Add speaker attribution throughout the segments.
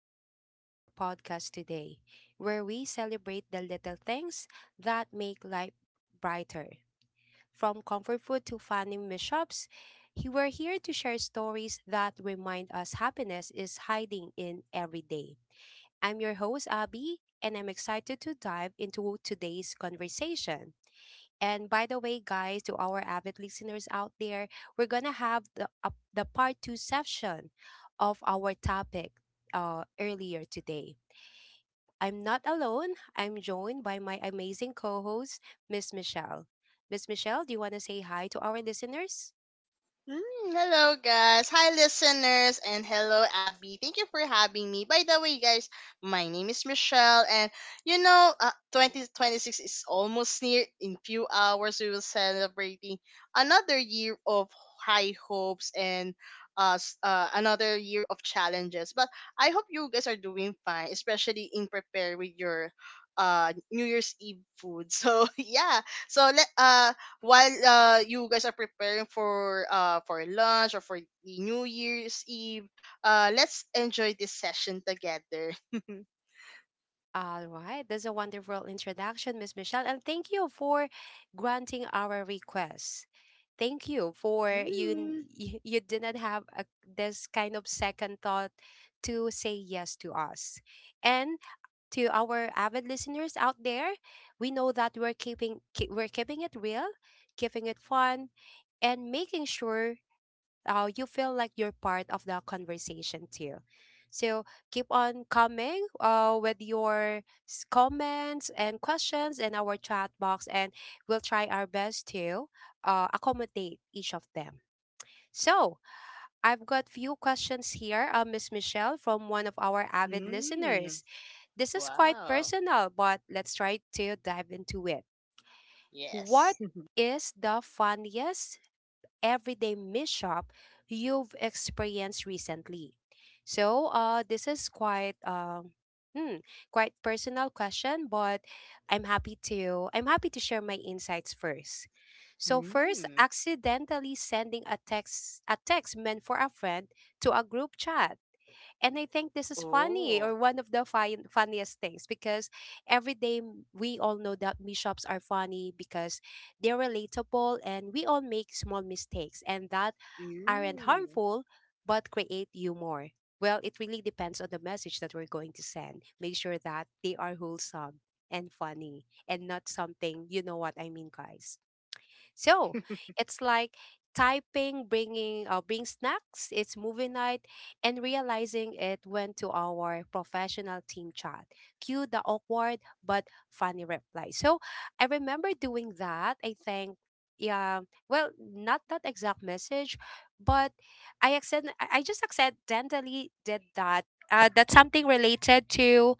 Speaker 1: welcome to our podcast today, where we celebrate the little things that make life brighter. From comfort food to funny mishaps, we're here to share stories that remind us happiness is hiding in every day. I'm your host, Abby, and I'm excited to dive into today's conversation. And by the way, guys, to our avid listeners out there, we're gonna have the part two session of our topic earlier today. I'm not alone. I'm joined by my amazing co-host, Miss Michelle. Miss Michelle, do you want to say hi to our listeners?
Speaker 2: Mm, Hello, guys. Hi, listeners, and hello, Abby. Thank you for having me. By the way, guys, my name is Michelle, and you know, uh, 2026 is almost near. In few hours, we will celebrating another year of high hopes and another year of challenges. But I hope you guys are doing fine, especially in prepare with your New Year's Eve food. So yeah, so let while you guys are preparing for lunch or for the New Year's Eve, let's enjoy this session together.
Speaker 1: All right. That's a wonderful introduction, Miss Michelle. And thank you for granting our request. Thank you for you n-
Speaker 2: Mm.
Speaker 1: you, you did not have a, this kind of second thought to say yes to us. And to our avid listeners out there, we know that we're keeping it real, keeping it fun, and making sure you feel like you're part of the conversation too. So keep on coming with your comments and questions in our chat box, and we'll try our best to accommodate each of them. So I've got few questions here, Miss Michelle, from one of our avid
Speaker 2: Mm.
Speaker 1: listeners. This is quite
Speaker 2: Wow.
Speaker 1: personal, but let's try to dive into it. What
Speaker 2: Yes.
Speaker 1: is the funniest everyday mishap you've experienced recently? So, this is quite hmm, quite personal question, but I'm happy to share my insights first. So first,
Speaker 2: Mm.
Speaker 1: accidentally sending a text meant for a friend to a group chat, and I think this is funny or
Speaker 2: Oh.
Speaker 1: one of the funniest things because every day, we all know that mishaps are funny because they're relatable and we all make small mistakes and that aren't
Speaker 2: Mm.
Speaker 1: harmful but create humor. Well, it really depends on the message that we're going to send. Make sure that they are wholesome and funny and not something, you know what I mean, guys. So it's like typing, bring snacks. It's movie night, and realizing it went to our professional team chat. Cue the awkward but funny reply. So I remember doing that. I think. Yeah, well, not that exact message, but I accent I just accidentally did that. That's something related to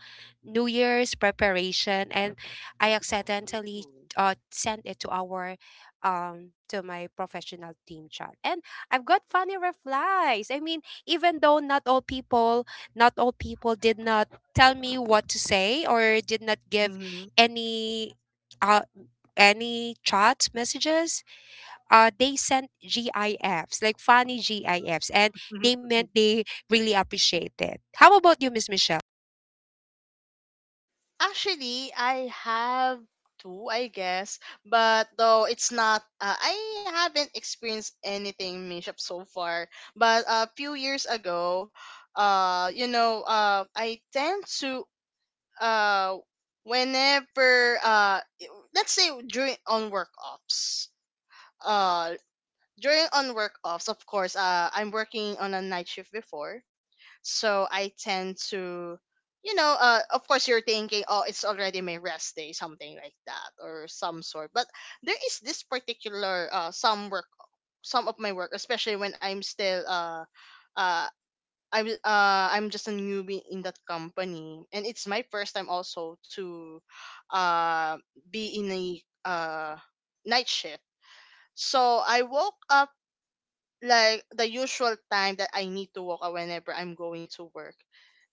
Speaker 1: New Year's preparation, and I accidentally
Speaker 2: Ooh.
Speaker 1: uh sent it to our to my professional team chat, and I've got funny replies. I mean, even though not all people did not tell me what to say, or did not give
Speaker 2: Mhm.
Speaker 1: any uh any chat messages, they sent gifs, like funny gifs, and they meant they really appreciate it. How about you, Miss Michelle?
Speaker 2: Actually, I have two, I guess. But though it's not, I haven't experienced anything mishap so far. But a few years ago, I tend to, uh, whenever, let's say during on work offs, uh, during on work offs, of course, I'm working on a night shift before, so I tend to, of course you're thinking, oh, it's already my rest day, something like that, or some sort. But there is this particular some work, some of my work, especially when I'm still uh, I'm just a newbie in that company, and it's my first time also to, uh, be in a uh night shift. So I woke up like the usual time that I need to walk up whenever I'm going to work,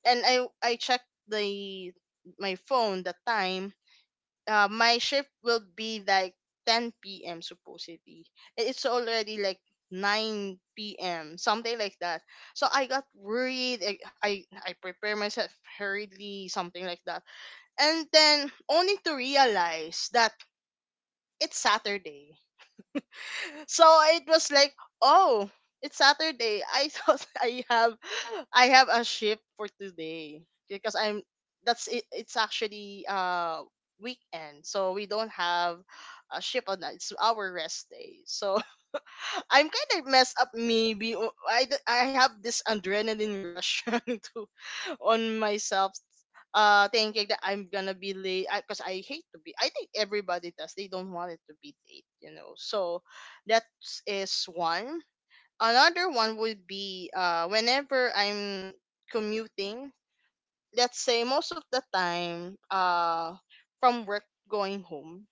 Speaker 2: and I checked the my phone the time. My shift will be like 10 p.m. supposedly. I- It's already like 9 p.m. something like that. So I got worried. I, I prepare myself hurriedly, something like that, and then only to realize that it's Saturday, so it was like, oh, it's Saturday. I thought I have a shift for today because I'm that's it, it's actually weekend. So we don't have a shift on that. It's our rest day. So I'm kind of messed up maybe. I have this adrenaline rush trying to on myself thinking that I'm gonna be late because I hate to be I think everybody does. They don't want it to be late, you know. So that is one. Another one would be whenever I'm commuting, let's say most of the time from work going home.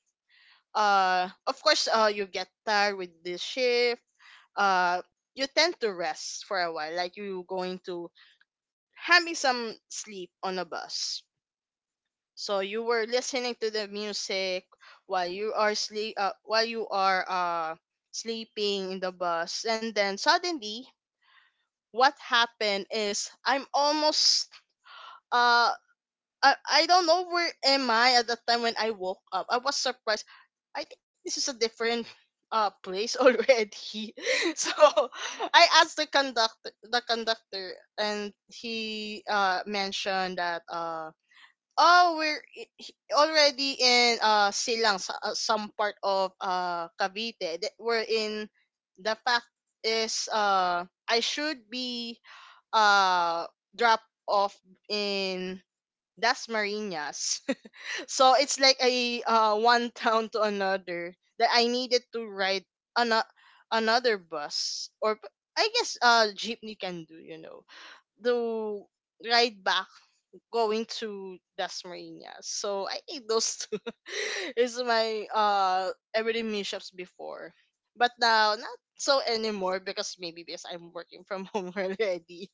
Speaker 2: Of course you get tired with this shift, uh you tend to rest for a while like you going to having some sleep on a bus, so you were listening to the music while you are sleep while you are sleeping in the bus, and then suddenly what happened is I'm almost uh I don't know where am I at the time when I woke up. I was surprised. I think this is a different place already. So I asked the conductor and he mentioned that oh, we're already in Silang, some part of Cavite. We're in the fact is I should be uh dropped off in that's Marinas. So it's like a one town to another that I needed to ride an- another bus or I guess jeepney can do, you know, to ride back going to Das Marinas. So I think those two is my everyday mishaps before, but now not so anymore because maybe because I'm working from home already.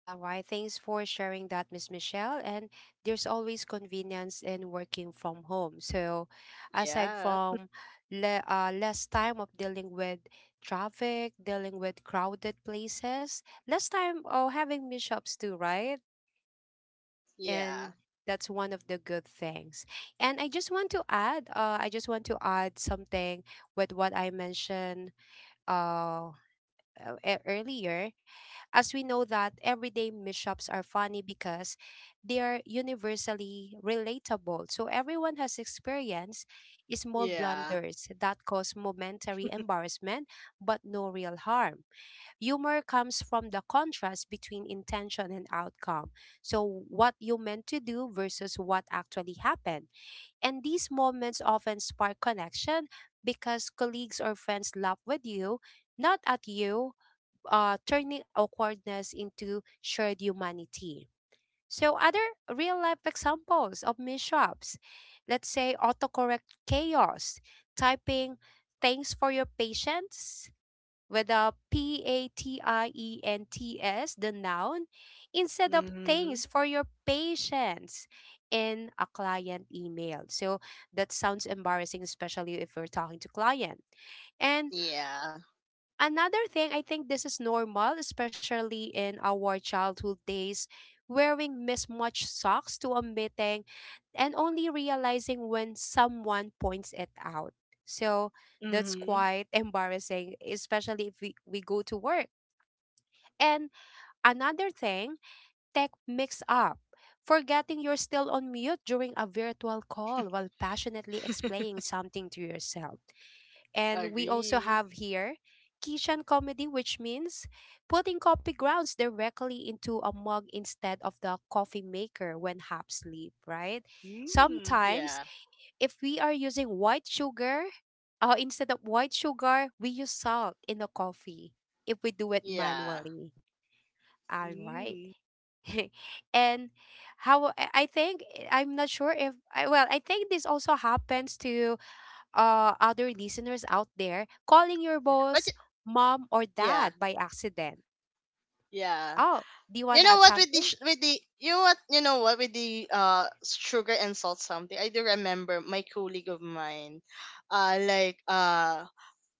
Speaker 1: All right. Thanks for sharing that, Miss Michelle. And there's always convenience in working from home. So, aside
Speaker 2: Yeah,
Speaker 1: from less time of dealing with traffic, dealing with crowded places, less time of having mishaps too, right? And
Speaker 2: yeah,
Speaker 1: that's one of the good things. And I just want to add something with what I mentioned uh, earlier. As we know that everyday mishaps are funny because they are universally relatable. So everyone has experienced small
Speaker 2: yeah.
Speaker 1: blunders that cause momentary embarrassment but no real harm. Humor comes from the contrast between intention and outcome. So what you meant to do versus what actually happened. And these moments often spark connection because colleagues or friends laugh with you, not at you, turning awkwardness into shared humanity. So, other real life examples of mishaps, let's say autocorrect chaos, typing thanks for your patience with a patients, the noun, instead of
Speaker 2: Hmm.
Speaker 1: thanks for your patience in a client email. So, that sounds embarrassing, especially if we're talking to client. And
Speaker 2: Yeah.
Speaker 1: another thing, I think this is normal, especially in our childhood days, wearing mismatched socks to a meeting and only realizing when someone points it out. So that's
Speaker 2: Mm-hmm.
Speaker 1: quite embarrassing, especially if we go to work. And another thing, tech mix up. Forgetting you're still on mute during a virtual call while passionately explaining something to yourself. And we also
Speaker 2: Agree.
Speaker 1: have here Kishan comedy, which means putting coffee grounds directly into a mug instead of the coffee maker when hops leave, right?
Speaker 2: Mm,
Speaker 1: Sometimes,
Speaker 2: yeah.
Speaker 1: if we are using white sugar, instead of white sugar, we use salt in the coffee if we do it
Speaker 2: Yeah.
Speaker 1: manually. All right.
Speaker 2: Mm.
Speaker 1: And how I think, I'm not sure if I, well, I think this also happens to other listeners out there, calling your
Speaker 2: But
Speaker 1: boss
Speaker 2: y-
Speaker 1: mom or
Speaker 2: yeah,
Speaker 1: dad by accident.
Speaker 2: yeah.
Speaker 1: Oh, do you want
Speaker 2: You
Speaker 1: to
Speaker 2: know
Speaker 1: add
Speaker 2: what, with the
Speaker 1: something?
Speaker 2: sh- with the you know what with the sugar and salt something. I do remember my colleague of mine, uh like uh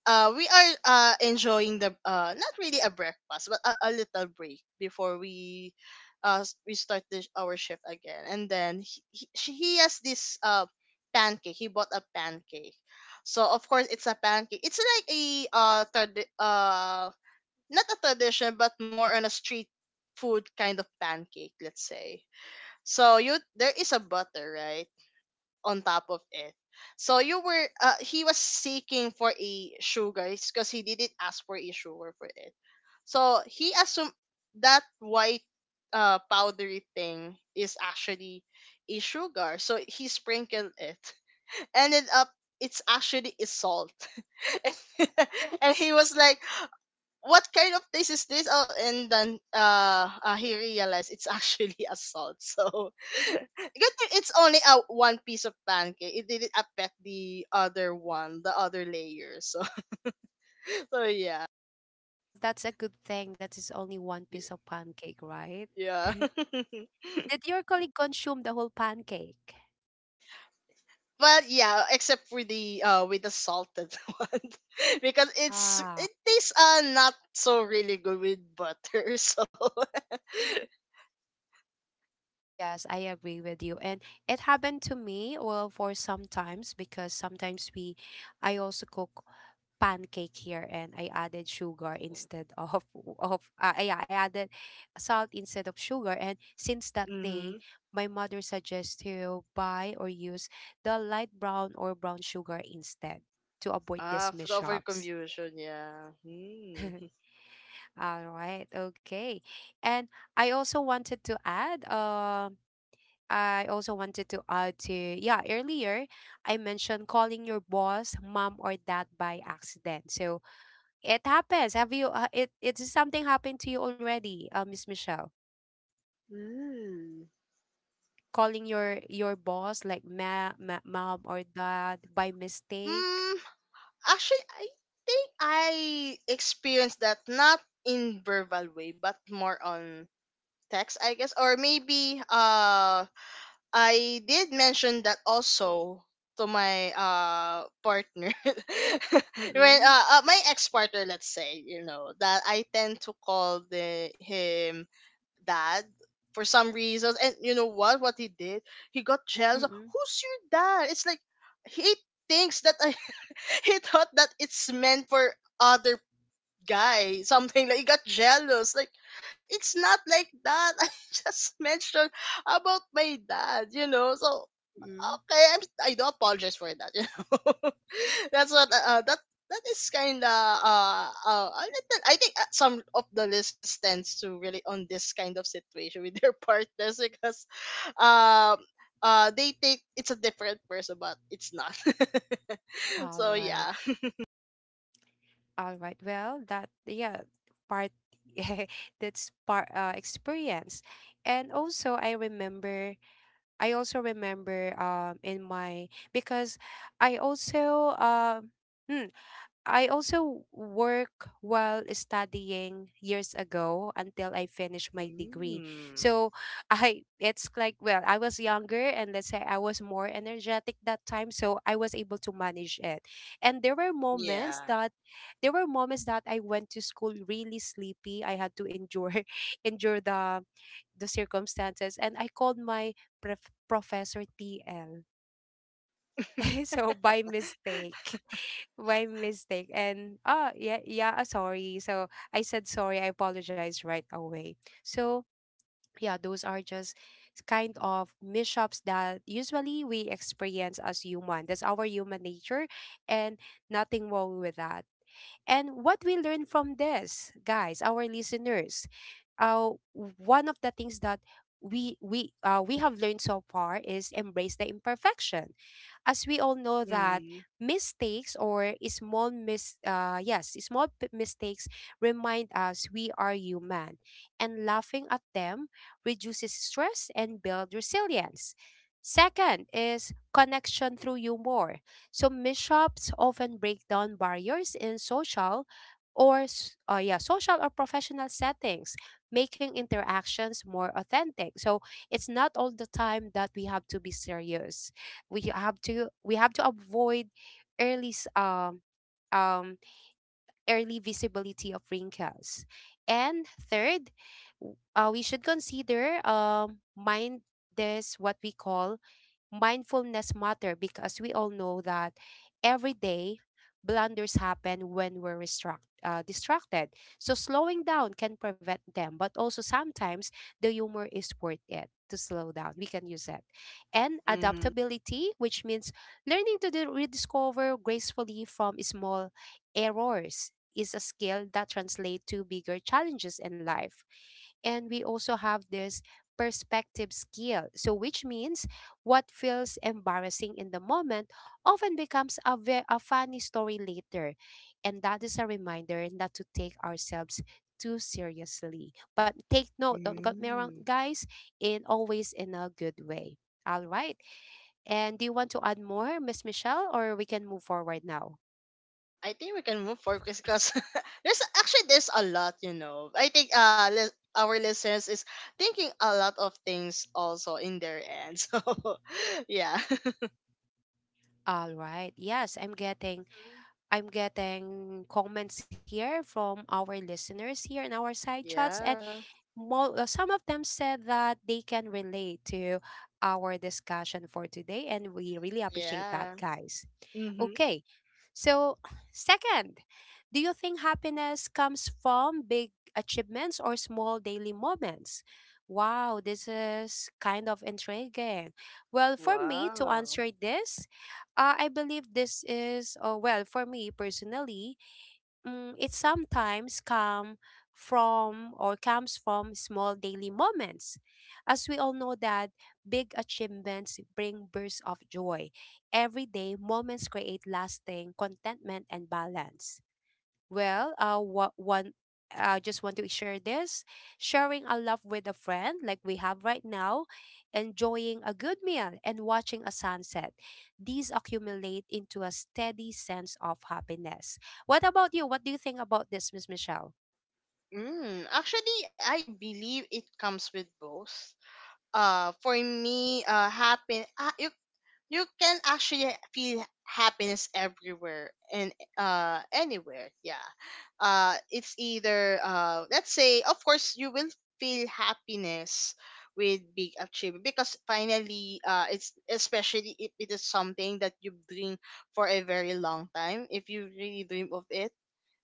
Speaker 2: we are enjoying the not really a breakfast, but a little break before we we start our shift again. And then he has this pancake. He bought a pancake, so of course it's a pancake. It's like a not a tradition, but more on a street food kind of pancake, let's say. So you there is a butter, right? On top of it. So you were he was seeking for a sugar because he didn't ask for a sugar for it. So he assumed that white powdery thing is actually a sugar. So he sprinkled it. Ended up it's actually a salt. And he was like, what kind of taste is this? Oh, and then he realized it's actually a salt. So good thing it's only a one piece of pancake. It didn't affect the other one, the other layer. So so yeah.
Speaker 1: Well, that's a good thing. That is only one
Speaker 2: Y-
Speaker 1: piece of pancake, right?
Speaker 2: Yeah.
Speaker 1: Did
Speaker 2: But
Speaker 1: your colleague consume the whole pancake?
Speaker 2: yeah, except for the with the salted one, because
Speaker 1: Ah,
Speaker 2: it tastes not so really good with butter. So
Speaker 1: yes, I agree with you. And it happened to me, well, for sometimes, because sometimes I also cook pancake here, and I added sugar instead of yeah, I added salt instead of sugar, and since that
Speaker 2: mm-hmm.
Speaker 1: day my mother suggests to buy or use the light brown or brown sugar instead, to avoid
Speaker 2: Ah,
Speaker 1: these
Speaker 2: food over
Speaker 1: mishaps.
Speaker 2: confusion, yeah. Hmm.
Speaker 1: All right, okay. And I also wanted to add um I also wanted to add to, yeah, earlier I mentioned calling your boss mom or dad by accident. So it happens. Have you? It, it is something happened to you already, Miss Michelle?
Speaker 2: Mm.
Speaker 1: Calling your boss like ma, ma mom or dad by mistake?
Speaker 2: Mm, actually, I think I experienced that not in verbal way, but more on text, I guess, or maybe I did mention that also to my partner, when
Speaker 1: Mm-mm.
Speaker 2: my ex partner, let's say, you know, that I tend to call the him dad for some reasons. And you know what? What he did? He got jealous.
Speaker 1: Mm-mm.
Speaker 2: Who's your dad? It's like he thinks that he thought that it's meant for other guy. Something like he got jealous. Like it's not like that. I just mentioned about my dad. You know, so
Speaker 1: Mm-mm.
Speaker 2: okay, I do apologize for that. You know, that's what that that is kind of a little. I think some of the listeners tends to really on this kind of situation with their partners because um they think it's a different person, but it's not.
Speaker 1: All
Speaker 2: So
Speaker 1: right.
Speaker 2: yeah.
Speaker 1: All right. Well, that, yeah, part that's part, experience, and also I remember. I also remember in my, because I also um. I also work while studying years ago until I finished my degree.
Speaker 2: Mm,
Speaker 1: So I, it's like, well, I was younger and let's say I was more energetic that time, so I was able to manage it. And
Speaker 2: yeah.
Speaker 1: there were moments that I went to school really sleepy. I had to endure endure the circumstances and I called my professor TL. So by mistake. My mistake. And ah, yeah, yeah, sorry. So I said sorry, I apologize right away. So yeah, those are just kind of mishaps that usually we experience as human. That's our human nature, and nothing wrong with that. And what we learn from this, guys, our listeners, uh, one of the things that we have learned so far is embrace the imperfection. As we all know that
Speaker 2: Mm-hmm.
Speaker 1: mistakes or small mis yes, mistakes remind us we are human, and laughing at them reduces stress and build resilience. Second is connection through humor. So mishaps often break down barriers in social or yeah, social or professional settings, making interactions more authentic. So it's not all the time that we have to be serious. We have to, avoid early s- um um early visibility of wrinkles. And third, we should consider mind this what we call mindfulness matter, because we all know that every day blunders happen when we're distracted. So slowing down can prevent them, but also sometimes the humor is worth it to slow down. We can use it. And adaptability, which means learning to rediscover gracefully from small errors is a skill that translates to bigger challenges in life. And we also have this perspective skill. So, which means what feels embarrassing in the moment often becomes a, a funny story later. And that is a reminder not to take ourselves too seriously. But take note, don't get me wrong,
Speaker 2: Mm-hmm.
Speaker 1: guys, in always in a good way. All right. And do you want to add more, Miss Michelle, or we can move forward now?
Speaker 2: I think we can move forward because there's a lot, you know. I think our listeners is thinking a lot of things also in their end. So yeah.
Speaker 1: All right. Yes, I'm getting comments here from our listeners here in our side chats, and
Speaker 2: Yeah.
Speaker 1: some of them said that they can relate to our discussion for today, and we really appreciate that,
Speaker 2: Yeah.
Speaker 1: guys.
Speaker 2: Mm-hmm.
Speaker 1: Okay. So, second, do you think happiness comes from big achievements or small daily moments? Wow, this is kind of intriguing. Well, for me to answer
Speaker 2: Wow.
Speaker 1: this, I believe this is, oh, well, for me personally, mm, it sometimes come from or comes from small daily moments. As we all know that big achievements bring bursts of joy. Everyday moments create lasting contentment and balance. Well, what one I just want to share this. Sharing a love with a friend, like we have right now, enjoying a good meal, and watching a sunset. These accumulate into a steady sense of happiness. What about you? What do you think about this, Miss Michelle?
Speaker 2: Mm, actually, I believe it comes with both. For me, happen. You, you can actually feel happiness everywhere and anywhere, yeah. It's either let's say of course you will feel happiness with big achievement because finally it's especially if it is something that you dream for a very long time, if you really dream of it,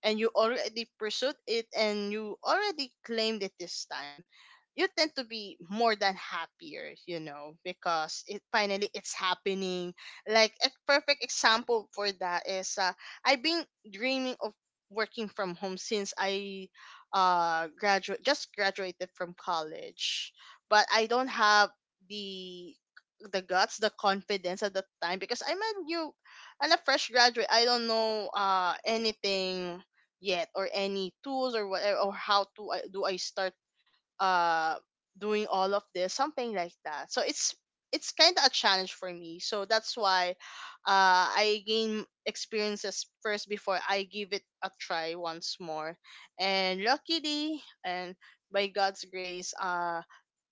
Speaker 2: and you already pursued it and you already claimed it this time, you tend to be more than happier, you know, because it finally it's happening. Like a perfect example for that is I've been dreaming of working from home since I graduate just graduated from college, but I don't have the the guts, the confidence at the time, because I'm a fresh graduate. I don't know anything yet, or any tools or whatever, or how to I start uh doing all of this, something like that. So it's kind of a challenge for me, so that's why I gain experiences first before I give it a try once more. And luckily and by God's grace,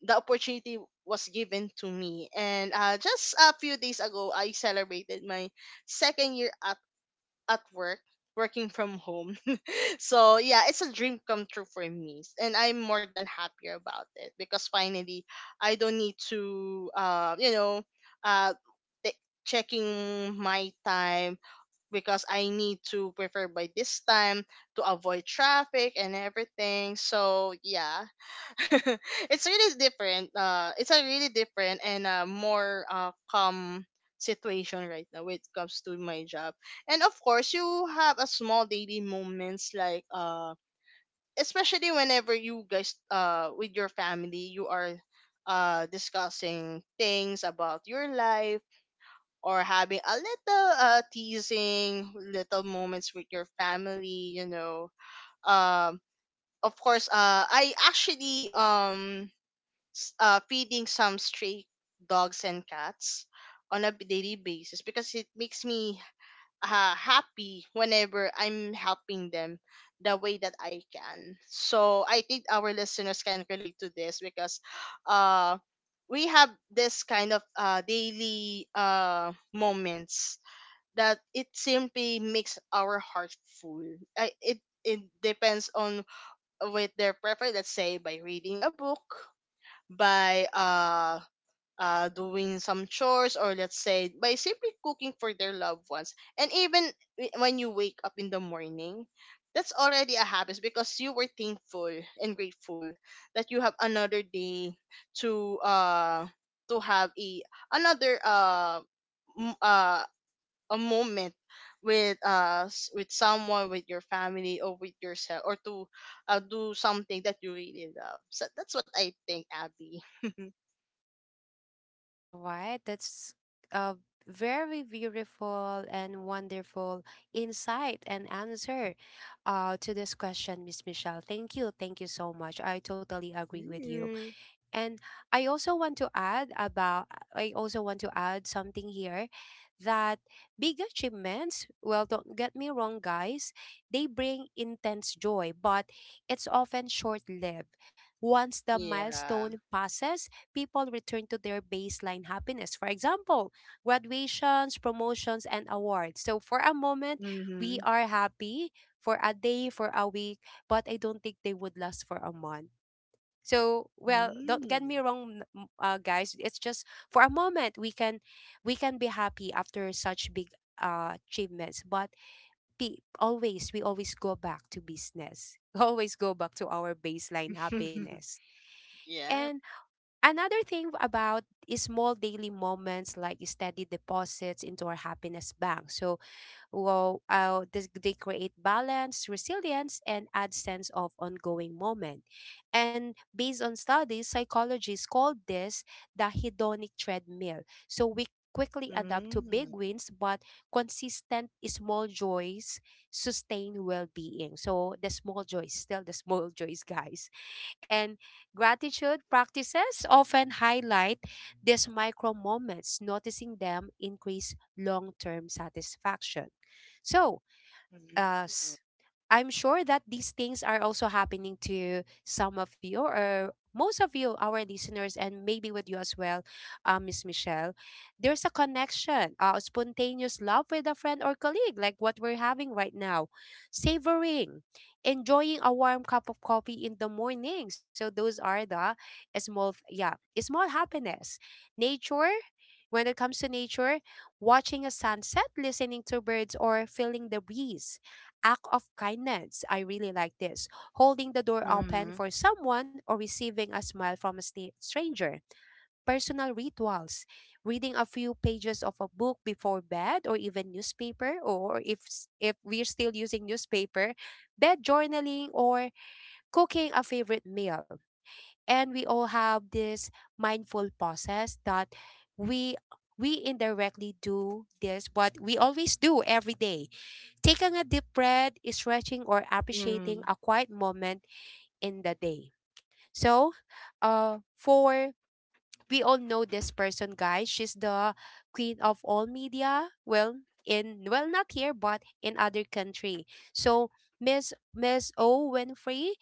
Speaker 2: the opportunity was given to me, and just a few days ago I celebrated my second year at work working from home. So yeah, it's a dream come true for me, and I'm more than happier about it because finally I don't need to, uh, t- checking my time because I need to prefer by this time to avoid traffic and everything. So yeah, it's really different. It's a really different and more calm situation right now when it comes to my job. And of course, you have a small daily moments like especially whenever you guys with your family, you are discussing things about your life, or having a little teasing little moments with your family. You know, um, of course, I actually feeding some stray dogs and cats on a daily basis because it makes me happy whenever I'm helping them the way that I can. So I think our listeners can relate to this because uh, we have this kind of daily moments that it simply makes our heart full. I, it depends on with their preference. Let's say by reading a book, by doing some chores, or let's say by simply cooking for their loved ones, and even when you wake up in the morning, that's already a habit because you were thankful and grateful that you have another day to uh to have another uh m- uh a moment with someone, with your family, or with yourself, or to do something that you really love. So that's what I think, Abby.
Speaker 1: All right, that's a very beautiful and wonderful insight and answer, to this question, Miss Michelle. Thank you. Thank you so much. I totally agree with you.
Speaker 2: Mm.
Speaker 1: And I also want to add about I also want to add something here that big achievements, well, don't get me wrong, guys, they bring intense joy, but it's often short-lived. Once the milestone
Speaker 2: Yeah.
Speaker 1: passes, people return to their baseline happiness. For example, graduations, promotions and awards. So for a moment, we
Speaker 2: Mm-hmm.
Speaker 1: are happy for a day, for a week, but I don't think they would last for a month. So, well, don't get me
Speaker 2: Mm.
Speaker 1: wrong, guys. It's just for a moment we can be happy after such big achievements, but pe- always we always go back to business. We always go back to our baseline happiness.
Speaker 2: Yeah.
Speaker 1: And another thing about is small daily moments like steady deposits into our happiness bank. So they create balance, resilience, and add sense of ongoing moment. And based on studies, psychologists called this the hedonic treadmill. So we quickly adapt to big
Speaker 2: Mm.
Speaker 1: wins, but consistent small joys sustain well-being. So the small joys, still the small joys, guys. And gratitude practices often highlight these micro moments, noticing them increase long term satisfaction. So,
Speaker 2: Mm.
Speaker 1: us. I'm sure that these things are also happening to some of you or most of you, our listeners, and maybe with you as well, Miss Michelle. There's a connection, spontaneous love with a friend or colleague, like what we're having right now, savoring, enjoying a warm cup of coffee in the morning. So those are the small, yeah, small happiness. Nature, when it comes to nature, watching a sunset, listening to birds, or feeling the breeze act of kindness. I really like this. Holding the door open for someone or receiving a smile from a stranger. Personal rituals. Reading a few pages of a book before bed or even newspaper, or if we're still using newspaper, bed journaling or cooking a favorite meal. And we all have this mindful process that we we indirectly do, this what we always do every day. Taking a deep breath, stretching, or appreciating
Speaker 2: Mm.
Speaker 1: a quiet moment in the day. So, for we all know this person, guys. She's the queen of all media. Well, not here, but in other country. So, Miss O Winfrey,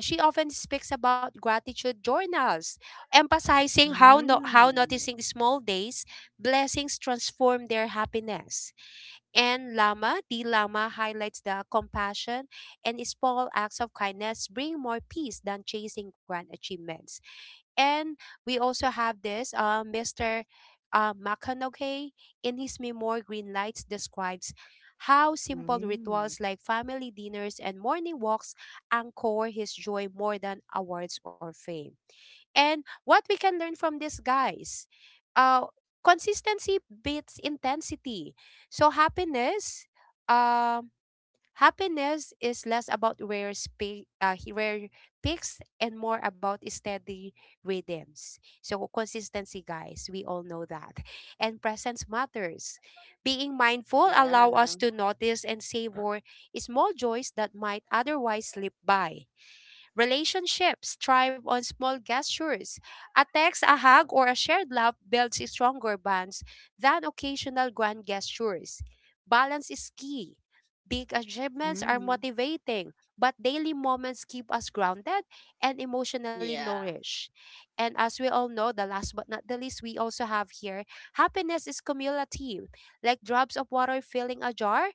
Speaker 1: she often speaks about gratitude journals, emphasizing how no,
Speaker 2: Mm.
Speaker 1: how
Speaker 2: Mm.
Speaker 1: noticing small days blessings transform their happiness. And Lama, the Lama highlights the compassion and small acts of kindness bring more peace than chasing grand achievements. And we also have this Mr. Makanoke in his memoir Green Lights describes how simple
Speaker 2: Mm.
Speaker 1: rituals like family dinners and morning walks anchor his joy more than awards or fame. And what we can learn from this, guys? Uh, consistency beats intensity. So happiness, um, happiness is less about rare peaks and more about steady rhythms. So consistency, guys, we all know that. And presence matters. Being mindful allow us
Speaker 2: Yeah.
Speaker 1: to notice and savor small joys that might otherwise slip by. Relationships thrive on small gestures. A text, a hug, or a shared laugh builds stronger bonds than occasional grand gestures. Balance is key. Big achievements are
Speaker 2: Mm.
Speaker 1: motivating, but daily moments keep us grounded and emotionally
Speaker 2: Yeah.
Speaker 1: nourished. And as we all know, the last but not the least, we also have here happiness is cumulative. Like drops of water filling a jar,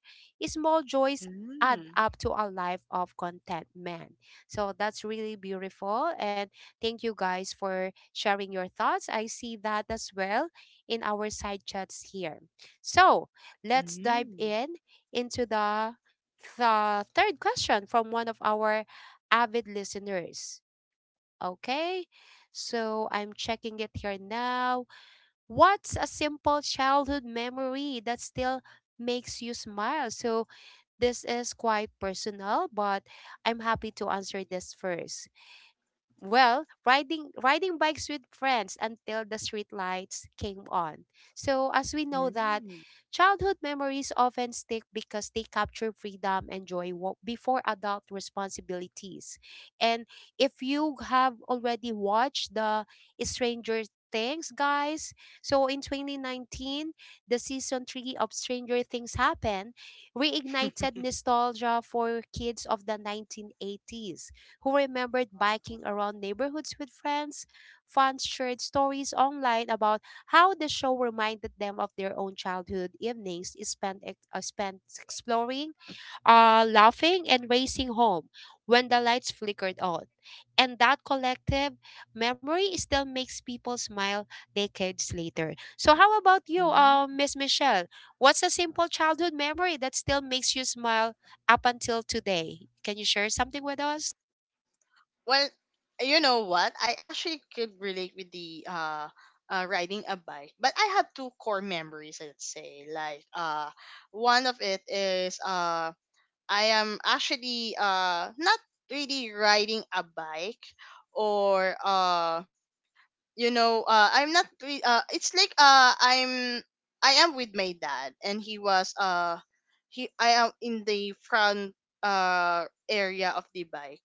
Speaker 1: small joys add
Speaker 2: Mm.
Speaker 1: up to a life of contentment. So that's really beautiful. And thank you guys for sharing your thoughts. I see that as well in our side chats here. So let's dive
Speaker 2: Mm.
Speaker 1: in into the third question from one of our avid listeners. Okay, so I'm checking it here now. What's a simple childhood memory that still makes you smile? So, this is quite personal, but I'm happy to answer this first. Well, riding bikes with friends until the street lights came on. So as we know that
Speaker 2: Mm.
Speaker 1: childhood memories often stick because they capture freedom and joy before adult responsibilities. And if you have already watched the Stranger Things, guys, so in 2019, the season 3 of Stranger Things happened, reignited nostalgia for kids of the 1980s who remembered
Speaker 2: Mm.
Speaker 1: biking around neighborhoods with friends. Fans shared stories online about how the show reminded them of their own childhood evenings spent exploring, laughing, and racing home when the lights flickered on. And that collective memory still makes people smile decades later. So, how about you, Miss Michelle? What's a simple childhood memory that still makes you smile up until today? Can you share something with us?
Speaker 2: Well, you know what? I actually could relate with the, riding a bike, but I have two core memories. I'd say like, one of it is, I am actually, not really riding a bike, or I'm not re- it's like I am with my dad, and he was he I am in the front area of the bike.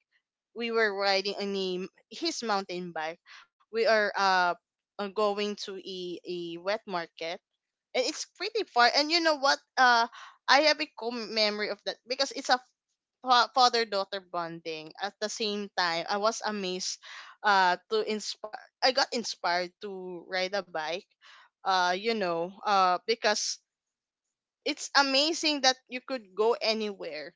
Speaker 2: We were riding on his mountain bike. We are, going to a wet market, and it's pretty far. And you know what, I have a memory of that because it's a father daughter bonding. At the same time, I was amazed, to inspire I got inspired to ride a bike, because it's amazing that you could go anywhere.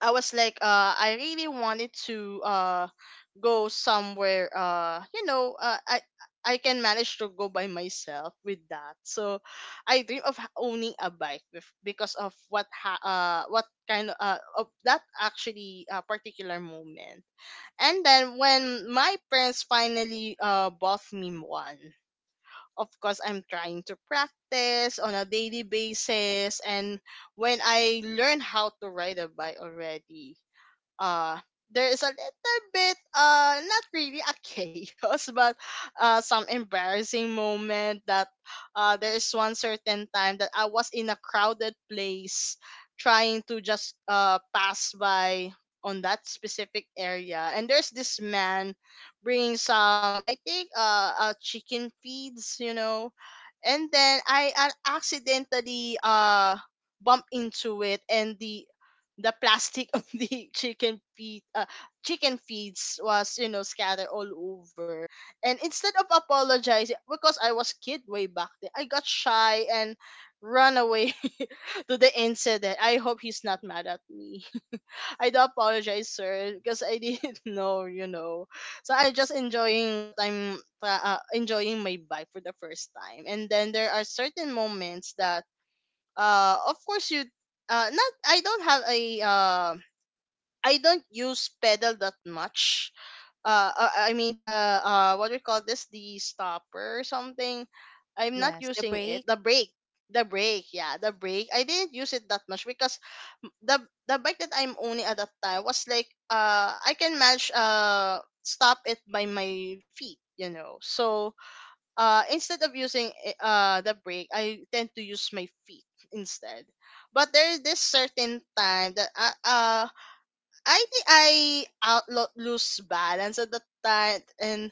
Speaker 2: I was like, I really wanted to, go somewhere. I can manage to go by myself with that. So, I dream of owning a bike, because of what ha- what kind of that actually, particular moment. And then when my parents finally bought me one. Of course, I'm trying to practice on a daily basis, and when I learn how to ride a bike already, uh there is a little bit, not really a chaos, but some embarrassing moment that, there is one certain time that I was in a crowded place, trying to just pass by on that specific area, and there's this man bringing some, I think, chicken feeds, you know. And then I, accidentally, bump into it, and the plastic of the chicken feeds was, you know, scattered all over. And instead of apologizing, because I was kid way back then, I got shy and run away to the incident. I hope he's not mad at me. I do apologize, sir, because I didn't know. So I just enjoying what I'm enjoying my bike for the first time, and then there are certain moments that, of course you, not I don't have a, I don't use pedal that much. I mean the, what do you call this, the stopper or something. I'm not
Speaker 1: Yes, the
Speaker 2: using it.
Speaker 1: break.
Speaker 2: The brake, yeah, the brake. I didn't use it that much because m- the the bike that I'm owning at that time was like, I can manage, stop it by my feet, you know. So, instead of using, the brake, I tend to use my feet instead. But there is this certain time that, I think I lose balance at the time, and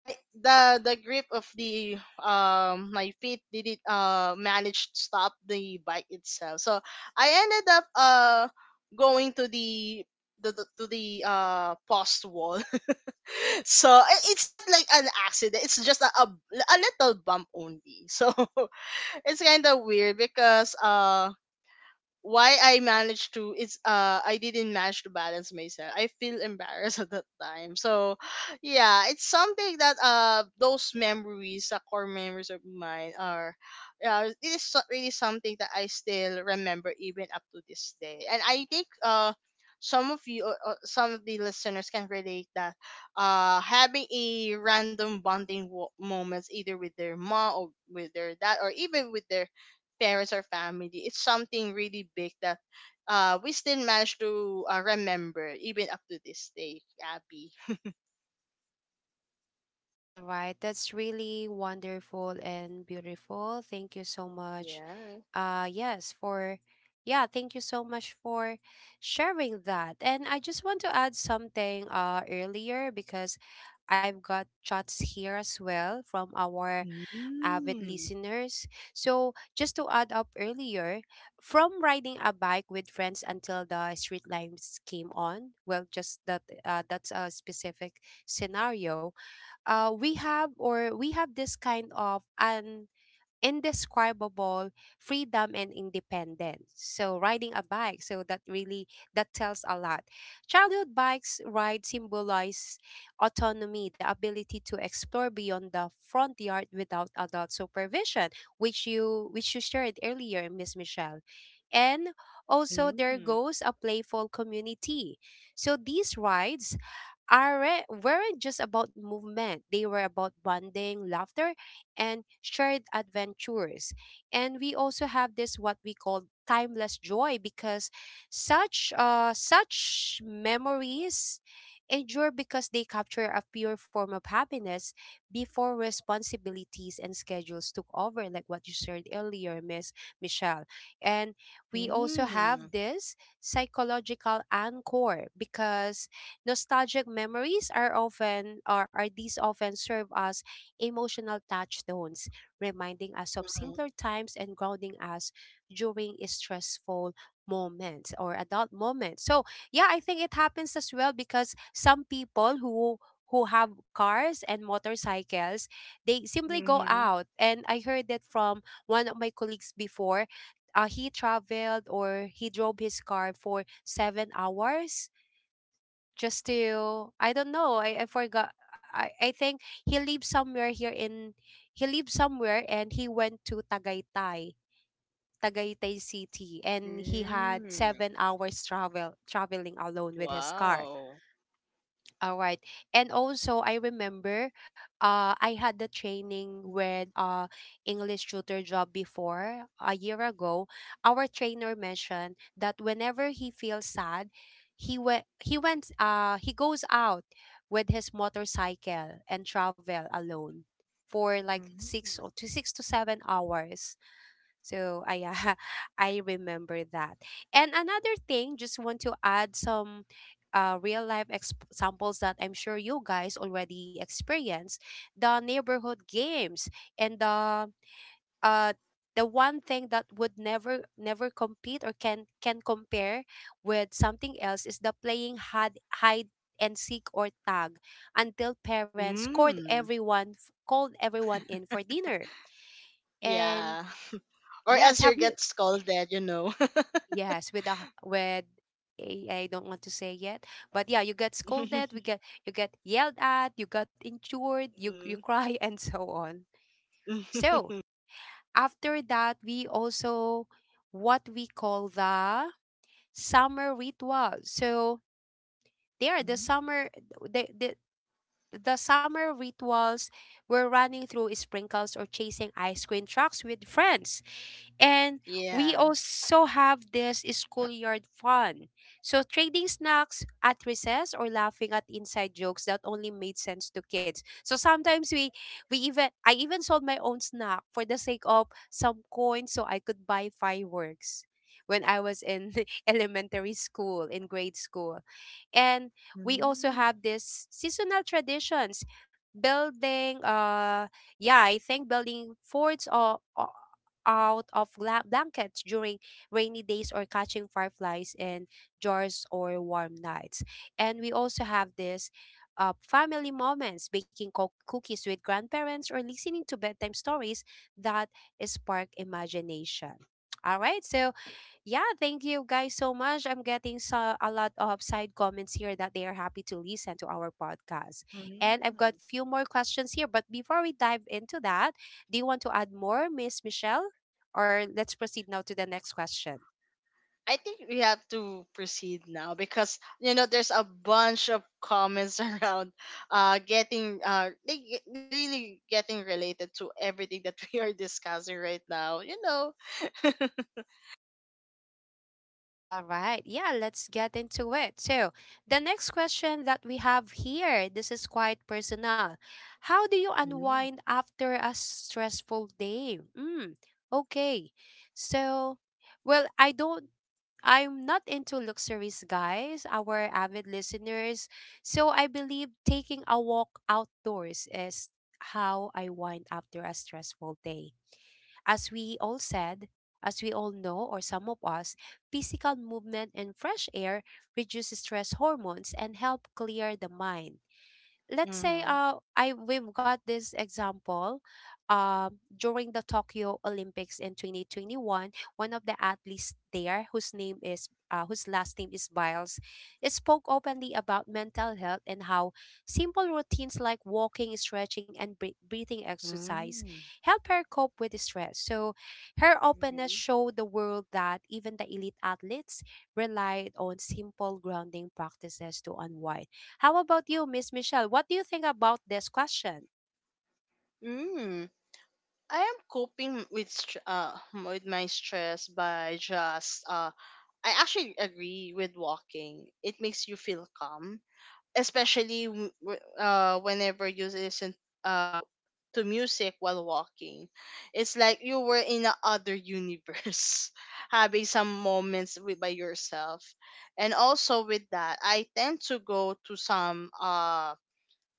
Speaker 2: I the grip of the my feet didn't manage to stop the bike itself. So I ended up, going to the post wall. So it's not like an accident. It's just a little bump only. So, it's kind of weird because, why I managed to it's I didn't manage to balance myself. I feel embarrassed at that time. So, yeah, it's something that, those memories, the core memories of mine are, it is really something that I still remember even up to this day. And I think, some of the listeners can relate that, having a random moments either with their mom or with their dad or even with their parents or family. It's something really big that, we still manage to, remember even up to this day, Abby.
Speaker 1: All right. That's really wonderful and beautiful. Thank you so much.
Speaker 2: Yeah.
Speaker 1: Yes, for yeah, thank you so much for sharing that. And I just want to add something earlier because I've got chats here as well from our avid
Speaker 2: Mm.
Speaker 1: listeners. So, just to add up earlier, from riding a bike with friends until the street lights came on, well, just that, that's a specific scenario. We have this kind of an indescribable freedom and independence. So riding a bike, so that tells a lot. Childhood bikes ride symbolize autonomy, the ability to explore beyond the front yard without adult supervision, which you shared earlier, Miss Michelle. And also there
Speaker 2: Mm.
Speaker 1: goes a playful community. So these rides are weren't just about movement. They were about bonding, laughter, and shared adventures. And we also have this what we call timeless joy because such memories endure because they capture a pure form of happiness before responsibilities and schedules took over, like what you shared earlier, Miss Michelle. And we also have
Speaker 2: Mm.
Speaker 1: this psychological anchor because nostalgic memories are often or are these often serve as emotional touchstones, reminding us of simpler times and grounding us during stressful moments or adult moments. So yeah, I think it happens as well because some people who have cars and motorcycles, they simply go
Speaker 2: Mhm.
Speaker 1: out. And I heard that from one of my colleagues before. He traveled or he drove his car for 7 hours just to, I don't know. I forgot. I think he lives somewhere here in he lived somewhere and he went to Tagaytay City, and he had
Speaker 2: Mm.
Speaker 1: 7 hours traveling alone with his car,
Speaker 2: Wow.
Speaker 1: all right. And also I remember, I had the training with English tutor job, before a year ago. Our trainer mentioned that whenever he feels sad, he goes out with his motorcycle and travel alone for like
Speaker 2: Mhm.
Speaker 1: 6 to 7 hours, so I, I remember that. And another thing, just want to add some real life examples that I'm sure you guys already experienced. The neighborhood games, and uh the one thing that would never never compete, or can compare with something else is the playing hide and seek or tag until parents called
Speaker 2: Mm.
Speaker 1: everyone, called everyone in for dinner. And
Speaker 2: Yeah. Or
Speaker 1: yes,
Speaker 2: else you
Speaker 1: have you
Speaker 2: get scolded, you know.
Speaker 1: yes, with a I don't want to say yet, but yeah, you get scolded, we get you get yelled at, you got injured, you
Speaker 2: Mm.
Speaker 1: cry and so on. So after that, we also, what we call, the summer ritual. So they are the, the the summer rituals were running through sprinkles or chasing ice cream trucks with friends. And
Speaker 2: Yeah.
Speaker 1: we also have this schoolyard fun. So trading snacks at recess or laughing at inside jokes that only made sense to kids. So sometimes we even I even sold my own snack for the sake of some coins so I could buy fireworks when I was in elementary school, in grade school. And we also
Speaker 2: Mm.
Speaker 1: have this seasonal traditions, building yeah I think building forts, or, out of blankets during rainy days, or catching fireflies in jars or warm nights. And we also have this, family moments, baking cookies with grandparents or listening to bedtime stories that spark imagination. All right, so yeah, thank you guys so much. I'm getting so, a lot of side comments here that they are happy to listen to our podcast. And I've
Speaker 2: Mm.
Speaker 1: got few more questions here, but before we dive into that, do you want to add more, Miss Michelle? Or let's proceed now to the next question.
Speaker 2: I think we have to proceed now because, you know, there's a bunch of comments around, they really getting related to everything that we are discussing right now, you know.
Speaker 1: All right. Yeah, let's get into it. So, the next question that we have here, this is quite personal. How do you
Speaker 2: Mm.
Speaker 1: unwind after a stressful day? Mm, okay. So, well, I'm not into luxuries, guys, our avid listeners. So I believe taking a walk outdoors is how I wind after a stressful day. As we all said, as we all know, or some of us, physical movement and fresh air reduce stress hormones and help clear the mind. Let's say
Speaker 2: Mm-hmm.
Speaker 1: I we've got this example during the Tokyo Olympics in 2021. One of the athletes there whose name is whose last name is Biles, it spoke openly about mental health and how simple routines like walking, stretching, and breathing exercise
Speaker 2: Mm.
Speaker 1: help her cope with the stress. So her openness
Speaker 2: Mhm.
Speaker 1: showed the world that even the elite athletes relied on simple grounding practices to unwind. How about you, Miss Michelle? What do you think about this question?
Speaker 2: Mm. I am coping with my stress, by just I actually agree with walking. It makes you feel calm, especially whenever you listen, uh to music while walking. It's like you were in a other universe, having some moments with by yourself. And also with that, I tend to go to some,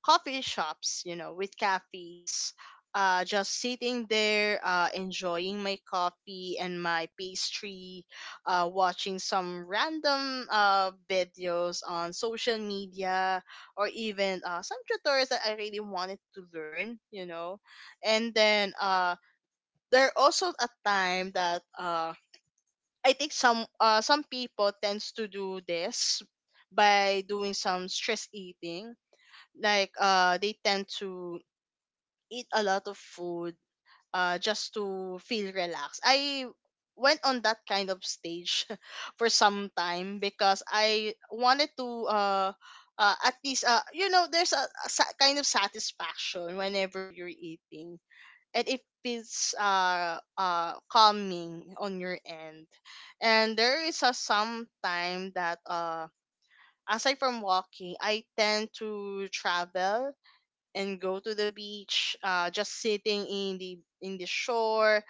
Speaker 2: coffee shops, you know, with cafes, just sitting there, enjoying my coffee and my pastry, watching some random, videos on social media, or even, some tutorials that I really wanted to learn, you know. And then, there are also a time that, I think some people tends to do this by doing some stress eating. Like, they tend to eat a lot of food, just to feel relaxed. I went on that kind of stage for some time, because I wanted to, at least, you know there's a kind of satisfaction whenever you're eating, and it feels, calming on your end. And there is a some time that, aside from walking, I tend to travel and go to the beach, just sitting in the shore,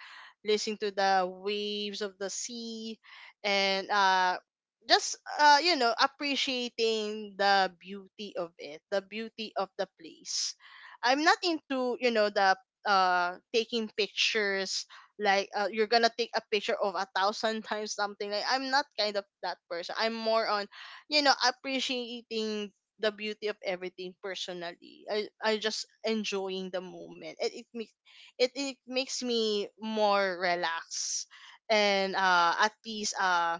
Speaker 2: listening to the waves of the sea, and, just you know, appreciating the beauty of it, the beauty of the place. I'm not into, you know, the, taking pictures. Like, you're gonna take a picture of a thousand times, something like, I'm not kind of that person. I'm more on, you know, appreciating the beauty of everything personally. I just enjoying the moment. It makes, it makes me more relaxed, and, at least,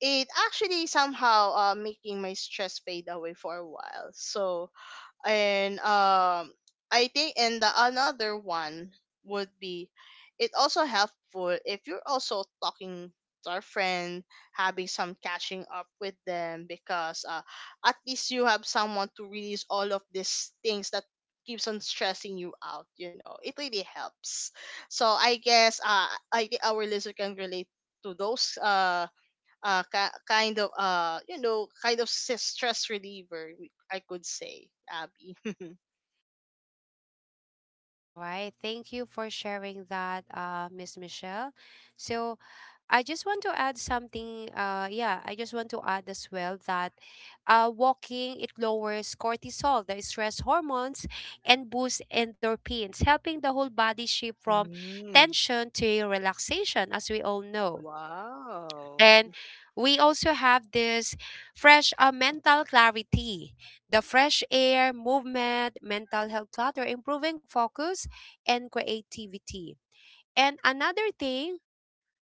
Speaker 2: it actually somehow, making my stress fade away for a while. So, and I think, and the another one would be, it also helpful if you're also talking to our friend, having some catching up with them, because, at least you have someone to release all of these things that keeps on stressing you out, you know. It really helps. So I guess, I think our listener can relate to those, kind of, you know, kind of stress reliever, I could say, Abby.
Speaker 1: All right. Thank you for sharing that, Miss Michelle. So I just want to add something. Yeah, I just want to add as well that walking, it lowers cortisol, the stress hormones, and boosts endorphins, helping the whole body shift from
Speaker 2: Mm,
Speaker 1: tension to relaxation, as we all know.
Speaker 2: wow.
Speaker 1: And we also have this fresh mental clarity, the fresh air, movement, mental health clutter, improving focus and creativity. And another thing,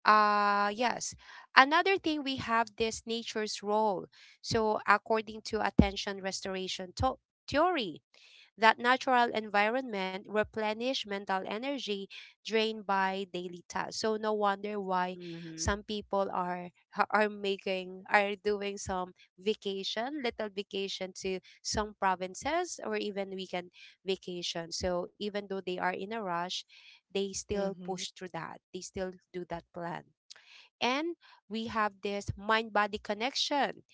Speaker 1: yes, another thing, we have this nature's role. So according to attention restoration theory, that natural environment replenish mental energy drained by daily tasks. So no wonder why
Speaker 2: Hmm.
Speaker 1: some people are ha- are making are doing some vacation, little vacation to some provinces or even weekend vacation. So even though they are in a rush, they still
Speaker 2: Mm-hmm.
Speaker 1: push through that. They still do that plan. And we have this mind body connection.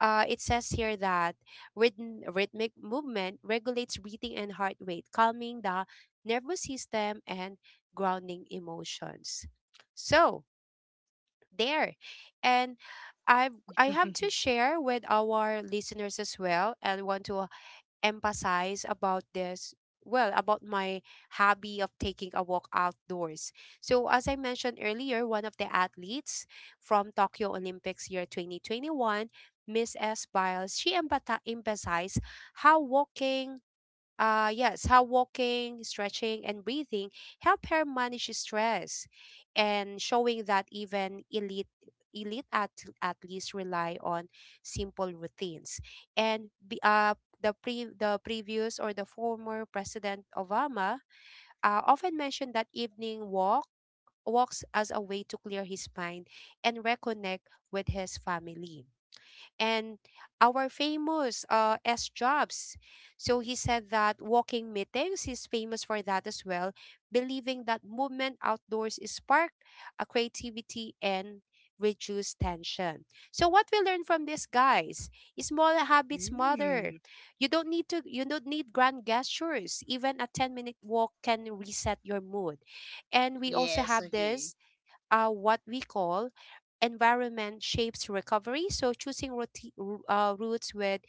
Speaker 1: It says here that rhythmic movement regulates breathing and heart rate, calming the nervous system and grounding emotions. So, there. And I have to share with our listeners as well and want to emphasize about this, well, about my hobby of taking a walk outdoors. So as I mentioned earlier, one of the athletes from Tokyo Olympics year 2021, Miss S. Biles, she emphasized how walking, yes, how walking, stretching, and breathing help her manage stress, and showing that even elite elite at athletes rely on simple routines. And be, the pre the previous, or the former President Obama, often mentioned that evening walks as a way to clear his mind and reconnect with his family. And our famous S. Jobs, so he said that walking meetings, he's famous for that as well, believing that movement outdoors is spark a creativity and reduce tension. So what we learn from this, guys, is small habits matter.
Speaker 2: Mm,
Speaker 1: You don't need grand gestures. Even a 10-minute walk can reset your mood. And we also
Speaker 2: yes,
Speaker 1: have
Speaker 2: agree.
Speaker 1: this what we call environment shapes recovery. So choosing routes with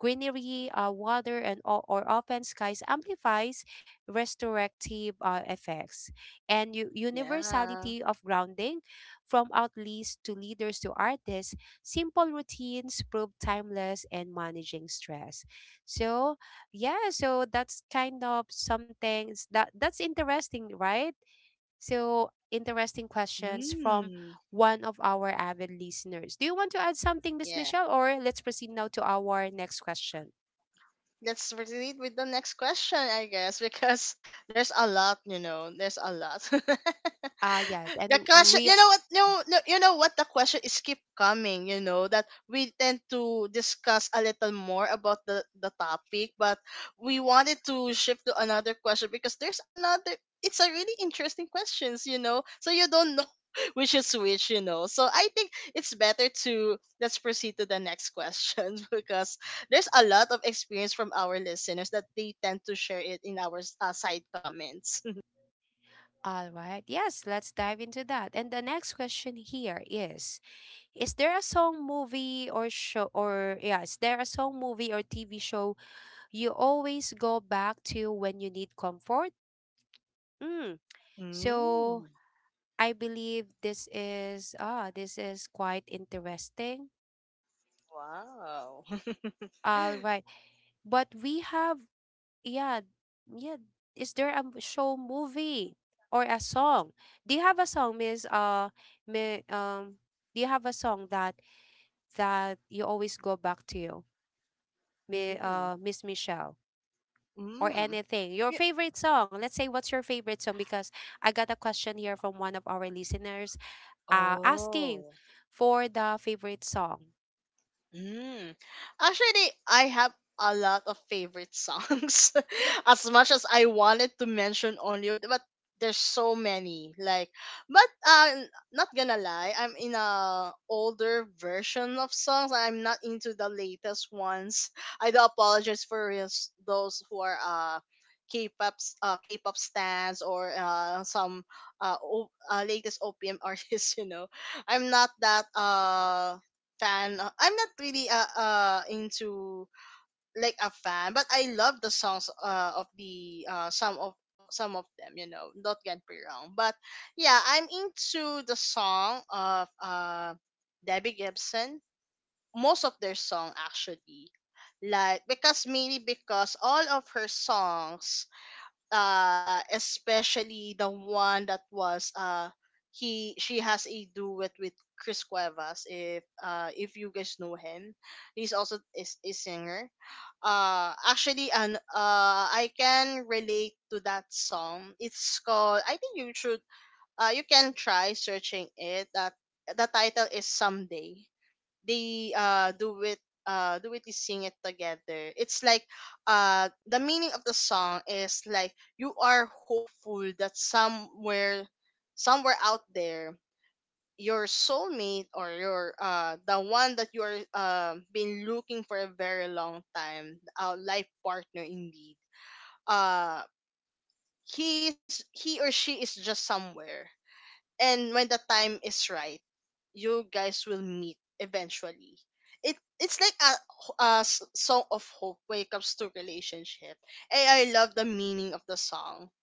Speaker 1: greenery, water, and or open skies amplifies restorative effects. And
Speaker 2: Yeah.
Speaker 1: universality of grounding, from outlets to leaders to artists, simple routines prove timeless and managing stress. So yeah, so that's kind of something that that's interesting, right? So, interesting questions from
Speaker 2: Mm.
Speaker 1: one of our avid listeners. Do you want to add something, Miss
Speaker 2: Yeah,
Speaker 1: Michelle, or let's proceed now to our next question?
Speaker 2: let's proceed with the next question, I guess, because there's a lot, you know, there's a lot.
Speaker 1: Yes, and
Speaker 2: The question,
Speaker 1: we
Speaker 2: you know what, no, no, you know what, the question is keep coming, you know, that we tend to discuss a little more about the topic, but we wanted to shift to another question, because there's another, it's a really interesting questions, you know, so you don't know which is which, you know. So I think it's better to, let's proceed to the next question because there's a lot of experience from our listeners that they tend to share it in our, side comments.
Speaker 1: all right. Yes, let's dive into that. And the next question here is there a song, movie, or show, is there a song, movie, or TV show you always go back to when you need comfort? Mm. So
Speaker 2: Mm,
Speaker 1: I believe this is this is quite interesting.
Speaker 2: wow.
Speaker 1: All right. But we have yeah, yeah, is there a show, movie, or a song? Do you have a song, Miss Mi- um do you have a song that you always go back to you?
Speaker 2: Mm.
Speaker 1: Miss Michelle, or
Speaker 2: Mm.
Speaker 1: anything. Your
Speaker 2: Yeah.
Speaker 1: favorite song. Let's say what's your favorite song, because I got a question here from one of our listeners asking
Speaker 2: Oh.
Speaker 1: for the favorite song.
Speaker 2: Mm. Actually, I have a lot of favorite songs. As much as I wanted to mention only, but there's so many. Like, not gonna lie, I'm in a older version of songs. I'm not into the latest ones. I do apologize for those who are, K-pop K-pop stans, or latest OPM artists. You know, I'm not that, fan. I'm not really, into like a fan, but I love the songs, of the, some of them. You know, don't get me wrong, but yeah, I'm into the song of, Debbie Gibson. Most of their song actually, like, because mainly because all of her songs, especially the one that was, he she has a duet with Chris Cuevas. If if you guys know him, he's also is a singer, actually. And, I can relate to that song. It's called, I think you should, you can try searching it, that the title is "Someday". They do it, do it is sing it together. It's like, the meaning of the song is like you are hopeful that somewhere, somewhere out there, your soulmate or your, the one that you're, been looking for a very long time, a life partner indeed, uh he's, he or she is just somewhere, and when the time is right, you guys will meet eventually. It's like a song of hope when it comes to relationship. And I love the meaning of the song,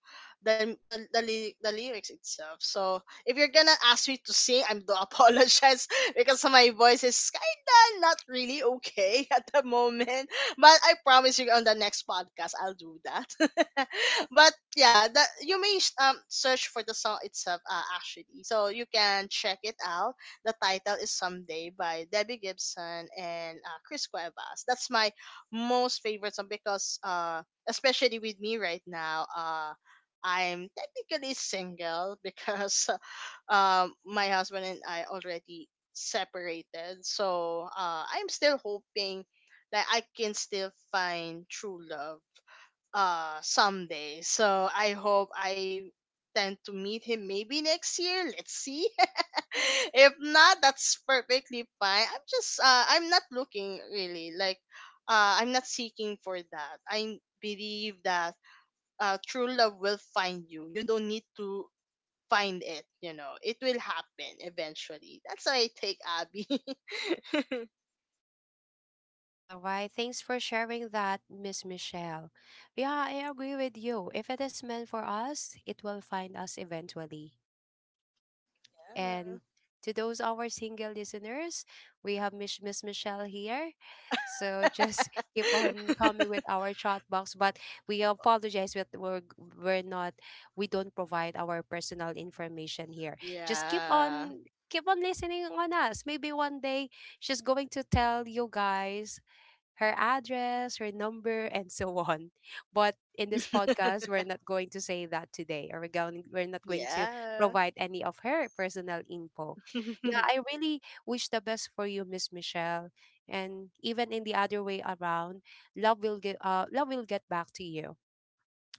Speaker 2: the lyrics itself. So if you're gonna ask me to sing, I'm do apologize because my voice is kinda not really okay at the moment. But I promise you, on the next podcast, I'll do that. But yeah, that you may search for the song itself, actually, so you can check it out. The title is "Someday" by Debbie Gibson and, Chris Cuevas. That's my most favorite song, because, especially with me right now, I'm technically single, because my husband and I already separated. So, I'm still hoping that I can still find true love, someday. So I hope I tend to meet him maybe next year. Let's see. If not, that's perfectly fine. I'm not looking, really, like, I'm not seeking for that. I believe that, true love will find you. You don't need to find it. You know, it will happen eventually. That's my take, Abby.
Speaker 1: All right, thanks for sharing that, Miss Michelle. Yeah, I agree with you. If it is meant for us, it will find us eventually. And to those our single listeners, we have Miss Michelle here. So just keep on coming with our chat box. But we apologize that we're not, we don't provide our personal information here. Just keep
Speaker 2: Yeah.
Speaker 1: on keep on listening on us. Maybe one day she's going to tell you guys her address, her number, and so on. But in this
Speaker 2: Yeah.
Speaker 1: podcast, we're not going to say that today, or we're going we're not going to provide any of her personal info. Yeah, I really wish the best for you, Miss Michelle. And even in the other way around, love will get back to you.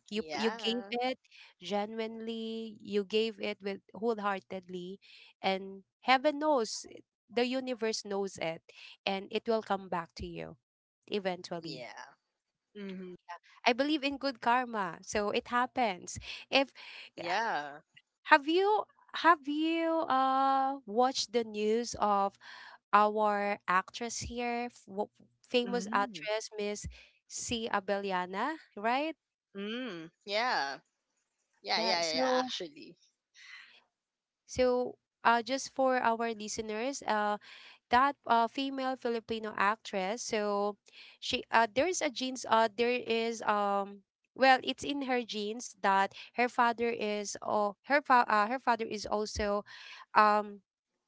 Speaker 1: You gave
Speaker 2: Yeah.
Speaker 1: it genuinely, you gave it with wholeheartedly, and heaven knows, the universe knows it, and it will come back to you eventually.
Speaker 2: Yeah. Mm-hmm.
Speaker 1: I believe in good karma, so it happens. If Yeah,
Speaker 2: Yeah.
Speaker 1: have you, have you watched the news of our actress here, famous
Speaker 2: Mm-hmm.
Speaker 1: actress Miss C. Abeliana, right?
Speaker 2: Mm. Yeah. Yeah,
Speaker 1: Yeah
Speaker 2: yeah, yeah, yeah,
Speaker 1: so.
Speaker 2: actually.
Speaker 1: So, just for our listeners, that female Filipino actress. So, she there's a genes. There is. Well, it's in her genes that her father is. Her father is also, um,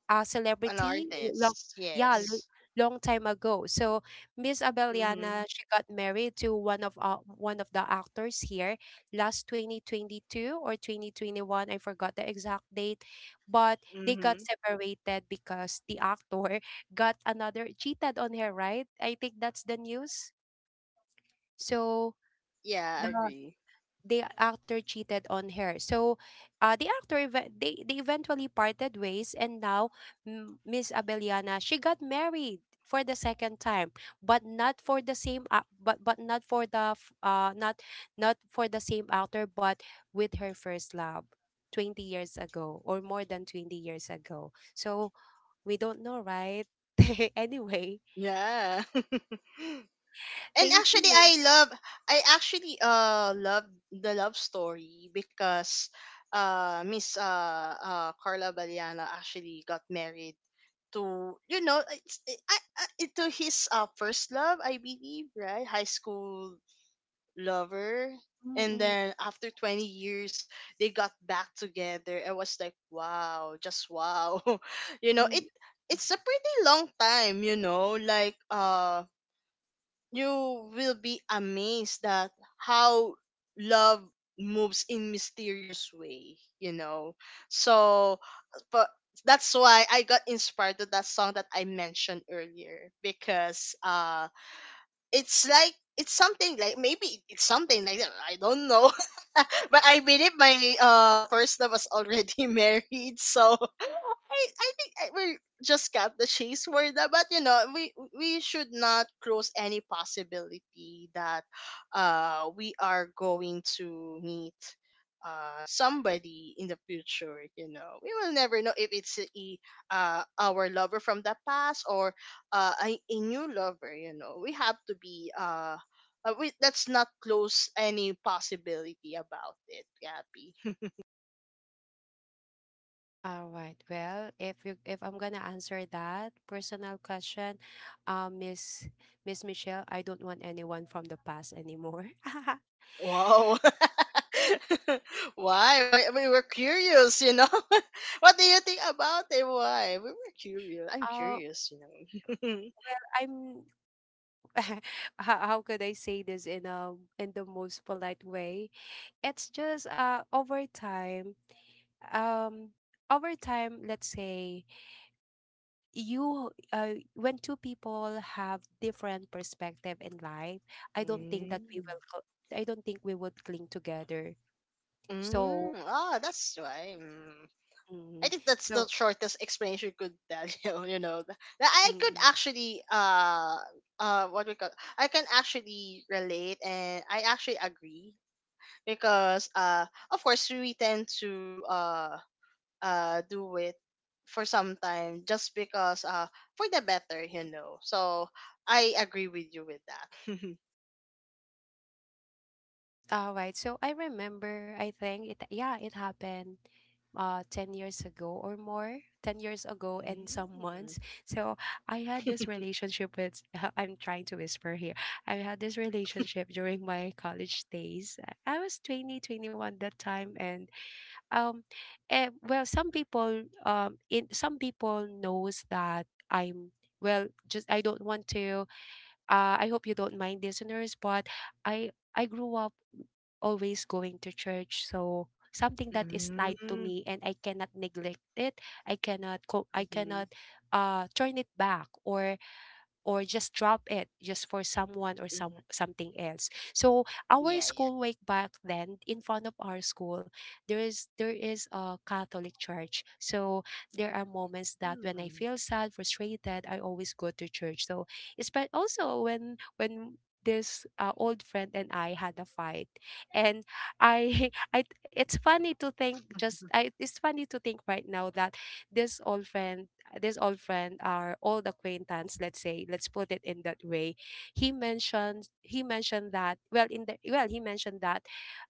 Speaker 2: An
Speaker 1: celebrity long
Speaker 2: artist.
Speaker 1: yeah l-
Speaker 2: Yes.
Speaker 1: long time ago. So Miss
Speaker 2: Mm-hmm.
Speaker 1: Abeliana, she got married to one of the actors here last 2022 or 2021, I forgot the exact date, but they got
Speaker 2: Mm-hmm.
Speaker 1: separated because the actor got another cheated on her, right? I think that's the news. So
Speaker 2: Yeah, I
Speaker 1: the
Speaker 2: agree.
Speaker 1: the actor cheated on her. So, they eventually parted ways, and now mm, Miss Abeliana, she got married for the second time, but not for the same ac- but not for the not for the same actor, but with her first love. 20 years ago, or more than 20 years ago, so we don't know, right? Anyway,
Speaker 2: Yeah. And
Speaker 1: thank
Speaker 2: actually,
Speaker 1: you.
Speaker 2: I actually love the love story, because Miss Carla Baliana actually got married to you know it's, I, to his first love, I believe, right? High school lover.
Speaker 1: Mm,
Speaker 2: And
Speaker 1: mm,
Speaker 2: then after 20 years, they got back together. I was like, wow, just wow. You know, it
Speaker 1: mm.
Speaker 2: it's a pretty long time, you know, like, you will be amazed that how love moves in mysterious way, you know. So, but that's why I got inspired to that song that I mentioned earlier, because it's like, it's something like, maybe it's something like that. I don't know, but I believe my, first love was already married, so I think I will just cut the chase for that. But you know, we should not close any possibility that, we are going to meet, somebody in the future. You know, we will never know if it's our lover from the past, or, a new lover. You know, we have to be we, let's not close any possibility about it, Gabby.
Speaker 1: All right. Well, if I'm gonna answer that personal question, um, Miss Michelle, I don't want anyone from the past anymore.
Speaker 2: Wow. Why? Why we were curious, you know? What do you think about it? Why we were curious? I'm
Speaker 1: Oh,
Speaker 2: curious, you know.
Speaker 1: well, I'm how could I say this in a in the most polite way? It's just um over time, let's say you when two people have different perspective in life,
Speaker 2: Mm.
Speaker 1: I don't think we would cling together. So,
Speaker 2: Mm. Ah, that's why. Mm. I
Speaker 1: mm,
Speaker 2: think that's the
Speaker 1: so
Speaker 2: shortest explanation I could tell you. You know that I could
Speaker 1: mm,
Speaker 2: actually, what we call, I can actually relate, and I actually agree, because, of course we tend to, do it for some time, just because, for the better, you know. So I agree with you with that.
Speaker 1: all right. So I remember, I think it, yeah, it happened 10 years ago or more, 10 years ago and some months. So I had this relationship with, I'm trying to whisper here. I had this relationship during my college days. I was 20, 21 that time, and um well, some people in some people knows that I'm, well, just I don't want to I hope you don't mind, listeners, but I grew up always going to church, so something that is tied to
Speaker 2: Mm-hmm.
Speaker 1: me, and I cannot neglect it. I
Speaker 2: Mm-hmm.
Speaker 1: cannot turn it back or just drop it just for someone or some something else. So our
Speaker 2: Yeah. Yeah.
Speaker 1: school way back then, in front of our school, there is a Catholic church. So there are moments that when I
Speaker 2: Mm.
Speaker 1: feel sad, frustrated, I always go to church. So it's, but also when this old friend and I had a fight, and I I it's funny to think, just I it's funny to think right now that this old friend this old friend, our old acquaintance, let's say, let's put it in that way. He mentioned that, well, in the well he mentioned that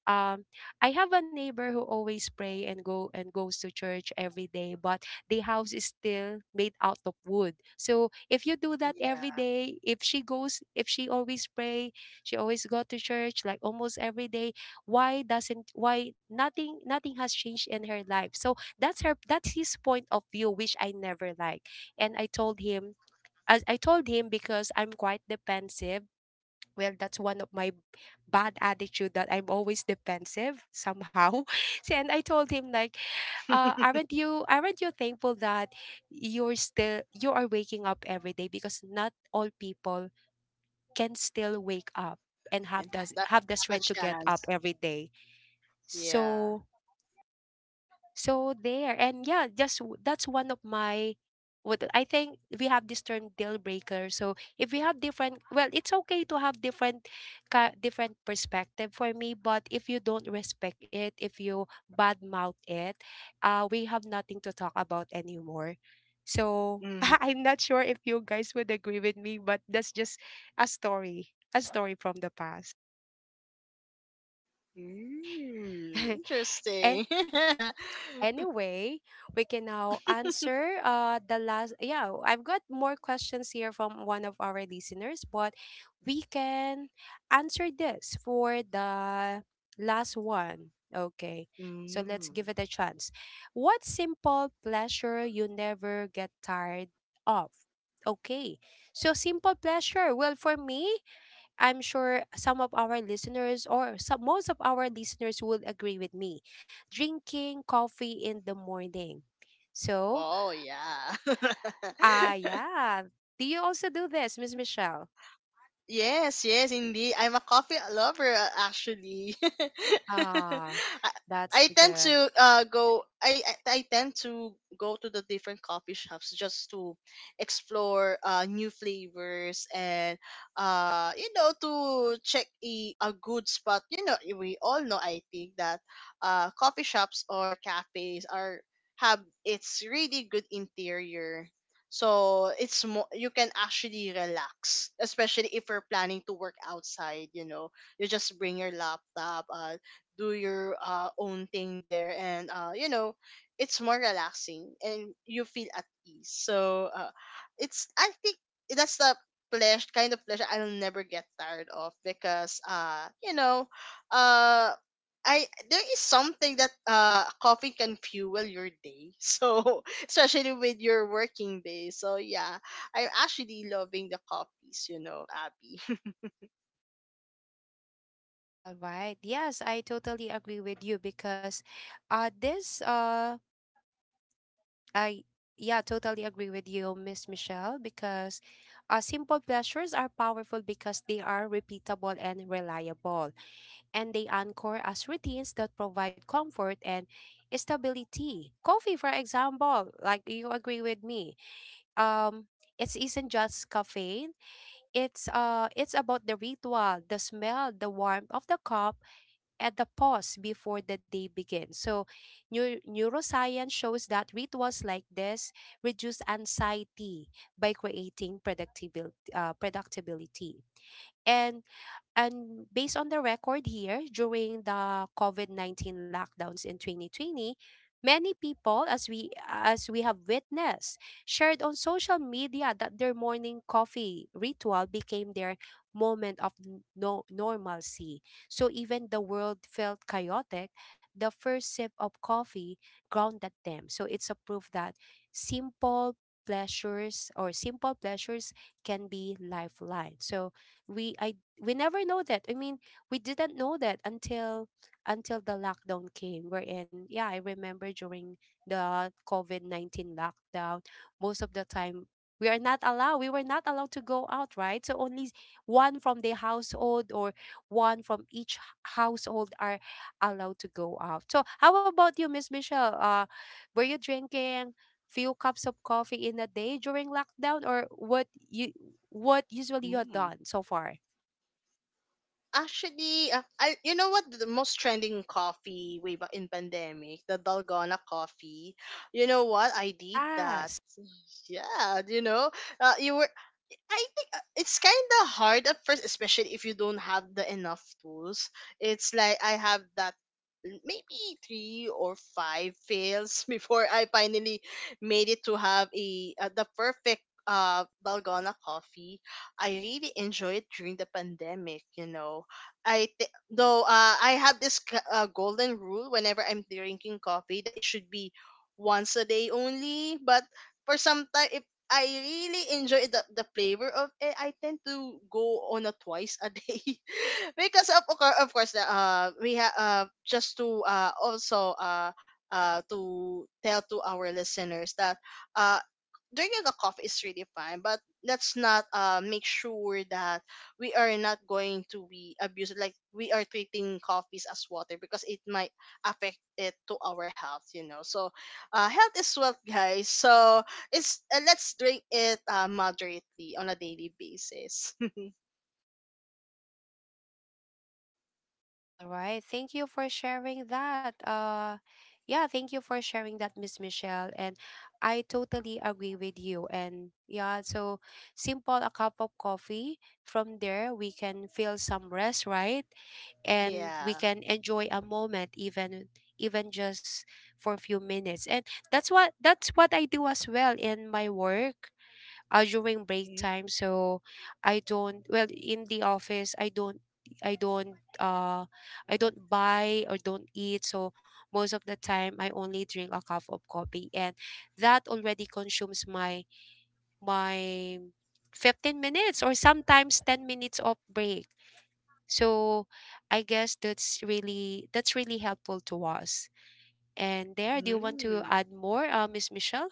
Speaker 1: um I have a neighbor who always pray and go and goes to church every day, but the house is still made out of wood. So if you do that every
Speaker 2: Yeah.
Speaker 1: day, if she always pray, she always go to church like almost every day, why nothing, nothing has changed in her life. So that's her, that's his point of view, which I never like. And I told him, as I told him, because I'm quite defensive. Well, that's one of my bad attitude that I'm always defensive somehow. So, and I told him like, aren't you, aren't you thankful that you are waking up every day, because not all people can still wake up and
Speaker 2: And that doesn't
Speaker 1: have the
Speaker 2: have a
Speaker 1: strength to get up
Speaker 2: chance.
Speaker 1: every day.
Speaker 2: Yeah.
Speaker 1: So so there, and yeah, just that's one of my, what I think we have this term deal breaker. So if we have different, well, it's okay to have different, different perspective for me. But if you don't respect it, if you bad mouth it, we have nothing to talk about anymore. So
Speaker 2: Mm-hmm.
Speaker 1: I'm not sure if you guys would agree with me, but that's just a story from the past.
Speaker 2: Mm,
Speaker 1: And.
Speaker 2: interesting.
Speaker 1: Anyway, we can now answer I've got more questions here from one of our listeners, but we can answer this for the last one. Okay. So let's
Speaker 2: Mm.
Speaker 1: give it a chance. What simple pleasure you never get tired of? Okay. So simple pleasure. Well, for me, I'm sure some of our listeners or some, most of our listeners will agree with me. Drinking coffee in the morning. So,
Speaker 2: Oh yeah.
Speaker 1: yeah. Do you also do this, Miss Michelle?
Speaker 2: Yes, yes, indeed. I'm a coffee lover, actually.
Speaker 1: Ah,
Speaker 2: I,
Speaker 1: that's
Speaker 2: I
Speaker 1: the
Speaker 2: tend
Speaker 1: good.
Speaker 2: to go. I tend to go to the different coffee shops, just to explore new flavors, and, you know, to check a good spot. You know, we all know. I think that, coffee shops or cafes are have it's really good interior, so it's more you can actually relax, especially if you're planning to work outside. You know, you just bring your laptop, do your, own thing there, and, you know, it's more relaxing and you feel at ease. So, it's, I think that's the pleasure, kind of pleasure I'll never get tired of, because, you know, uh. I There is something that, coffee can fuel your day. So, especially with your working day. So yeah, I'm actually loving the coffees, you know, Abby.
Speaker 1: All right. Yes, I totally agree with you because this I yeah, totally agree with you, Miss Michelle, because simple pleasures are powerful because they are repeatable and reliable. And they anchor as routines that provide comfort and stability. Coffee, for example, like you agree with me, um, it isn't just caffeine. It's about the ritual, the smell, the warmth of the cup, and the pause before the day begins. So, neuroscience shows that rituals like this reduce anxiety by creating productivity. And and based on the record here, during the COVID 19 lockdowns in 2020, many people, as we have witnessed, shared on social media that their morning coffee ritual became their moment of n- no, normalcy. So even the world felt chaotic, the first sip of coffee grounded them. So it's a proof that simple simple pleasures can be lifeline. So we I we never know that. I mean, we didn't know that until the lockdown came. Wherein, yeah, I remember during the COVID 19 lockdown, most of the time we are not allowed. we were not allowed to go out, right? So only one from the household or one from each household are allowed to go out. So how about you, Miss Michelle? Were you drinking? Few cups of coffee in a day during lockdown or what you what usually you have
Speaker 2: Mm.
Speaker 1: done so far.
Speaker 2: Actually, I you know what the most trending coffee way back in pandemic, the Dalgona coffee. You know what? I did that.
Speaker 1: Yes.
Speaker 2: Yeah, you know, you I think, it's kind of hard at first, especially if you don't have the enough tools. It's like I have that, maybe three or five fails before I finally made it to have a the perfect Dalgona coffee. I really enjoyed it during the pandemic. You know, I though, I have this golden rule whenever I'm drinking coffee, that it should be once a day only. But for some time, if I really enjoy the flavor of it, I tend to go on a twice a day because of course, we have, just to, also, to tell to our listeners that, uh drinking a coffee is really fine, but let's not make sure that we are not going to be abusive. Like we are treating coffees as water, because it might affect it to our health. You know, so, health is wealth, guys. So it's let's drink it, moderately on a daily basis.
Speaker 1: All right. Thank you for sharing that. Yeah, Thank you for sharing that, Miss Michelle. And I totally agree with you. And yeah, so simple a cup of coffee. From there we can feel some rest, right? And we
Speaker 2: Yeah.
Speaker 1: can enjoy a moment even just for a few minutes. And that's what I do as well in my work, during break time. So I don't, well, in the office I don't, i don't uh I don't buy or don't eat. So most of the time I only drink a cup of coffee and that already consumes my my 15 minutes or sometimes 10 minutes of break. So I guess that's really helpful to us. And there, do you want to
Speaker 2: Mm-hmm.
Speaker 1: add more, uh, Miss Michelle?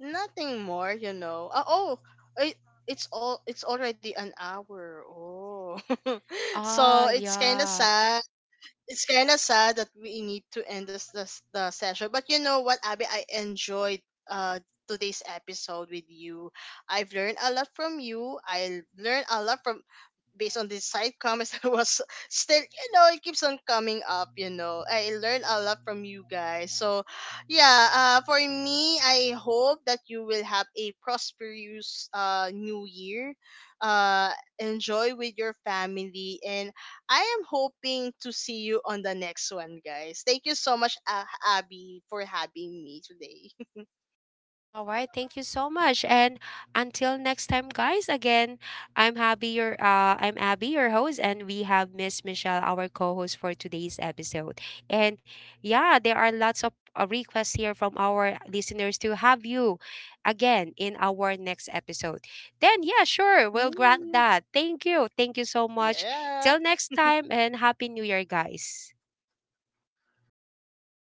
Speaker 2: Nothing more, you know. Oh, it, it's all it's already an hour. Oh.
Speaker 1: Ah,
Speaker 2: So it's kind of
Speaker 1: yeah.
Speaker 2: sad. It's kind of sad that we need to end this, this the session. But you know what, Abby, I enjoyed, uh today's episode with you. I've learned a lot from you. I learned a lot from, based on these side comments. I was still, you know, it keeps on coming up, you know. I learned a lot from you guys, so yeah. For me, I hope that you will have a prosperous, new year. uh, Enjoy with your family, and I am hoping to see you on the next one, guys. Thank you so much, Abby, for having me today.
Speaker 1: All right, thank you so much. And until next time, guys, again, I'm Abby, your host, and we have Miss Michelle, our co-host for today's episode. And yeah, there are lots of requests here from our listeners to have you again in our next episode. Then yeah, sure, we'll grant
Speaker 2: Mm.
Speaker 1: that. Thank you. Thank you so much.
Speaker 2: Yeah,
Speaker 1: Till next time and happy new year, guys.
Speaker 2: thank you guys.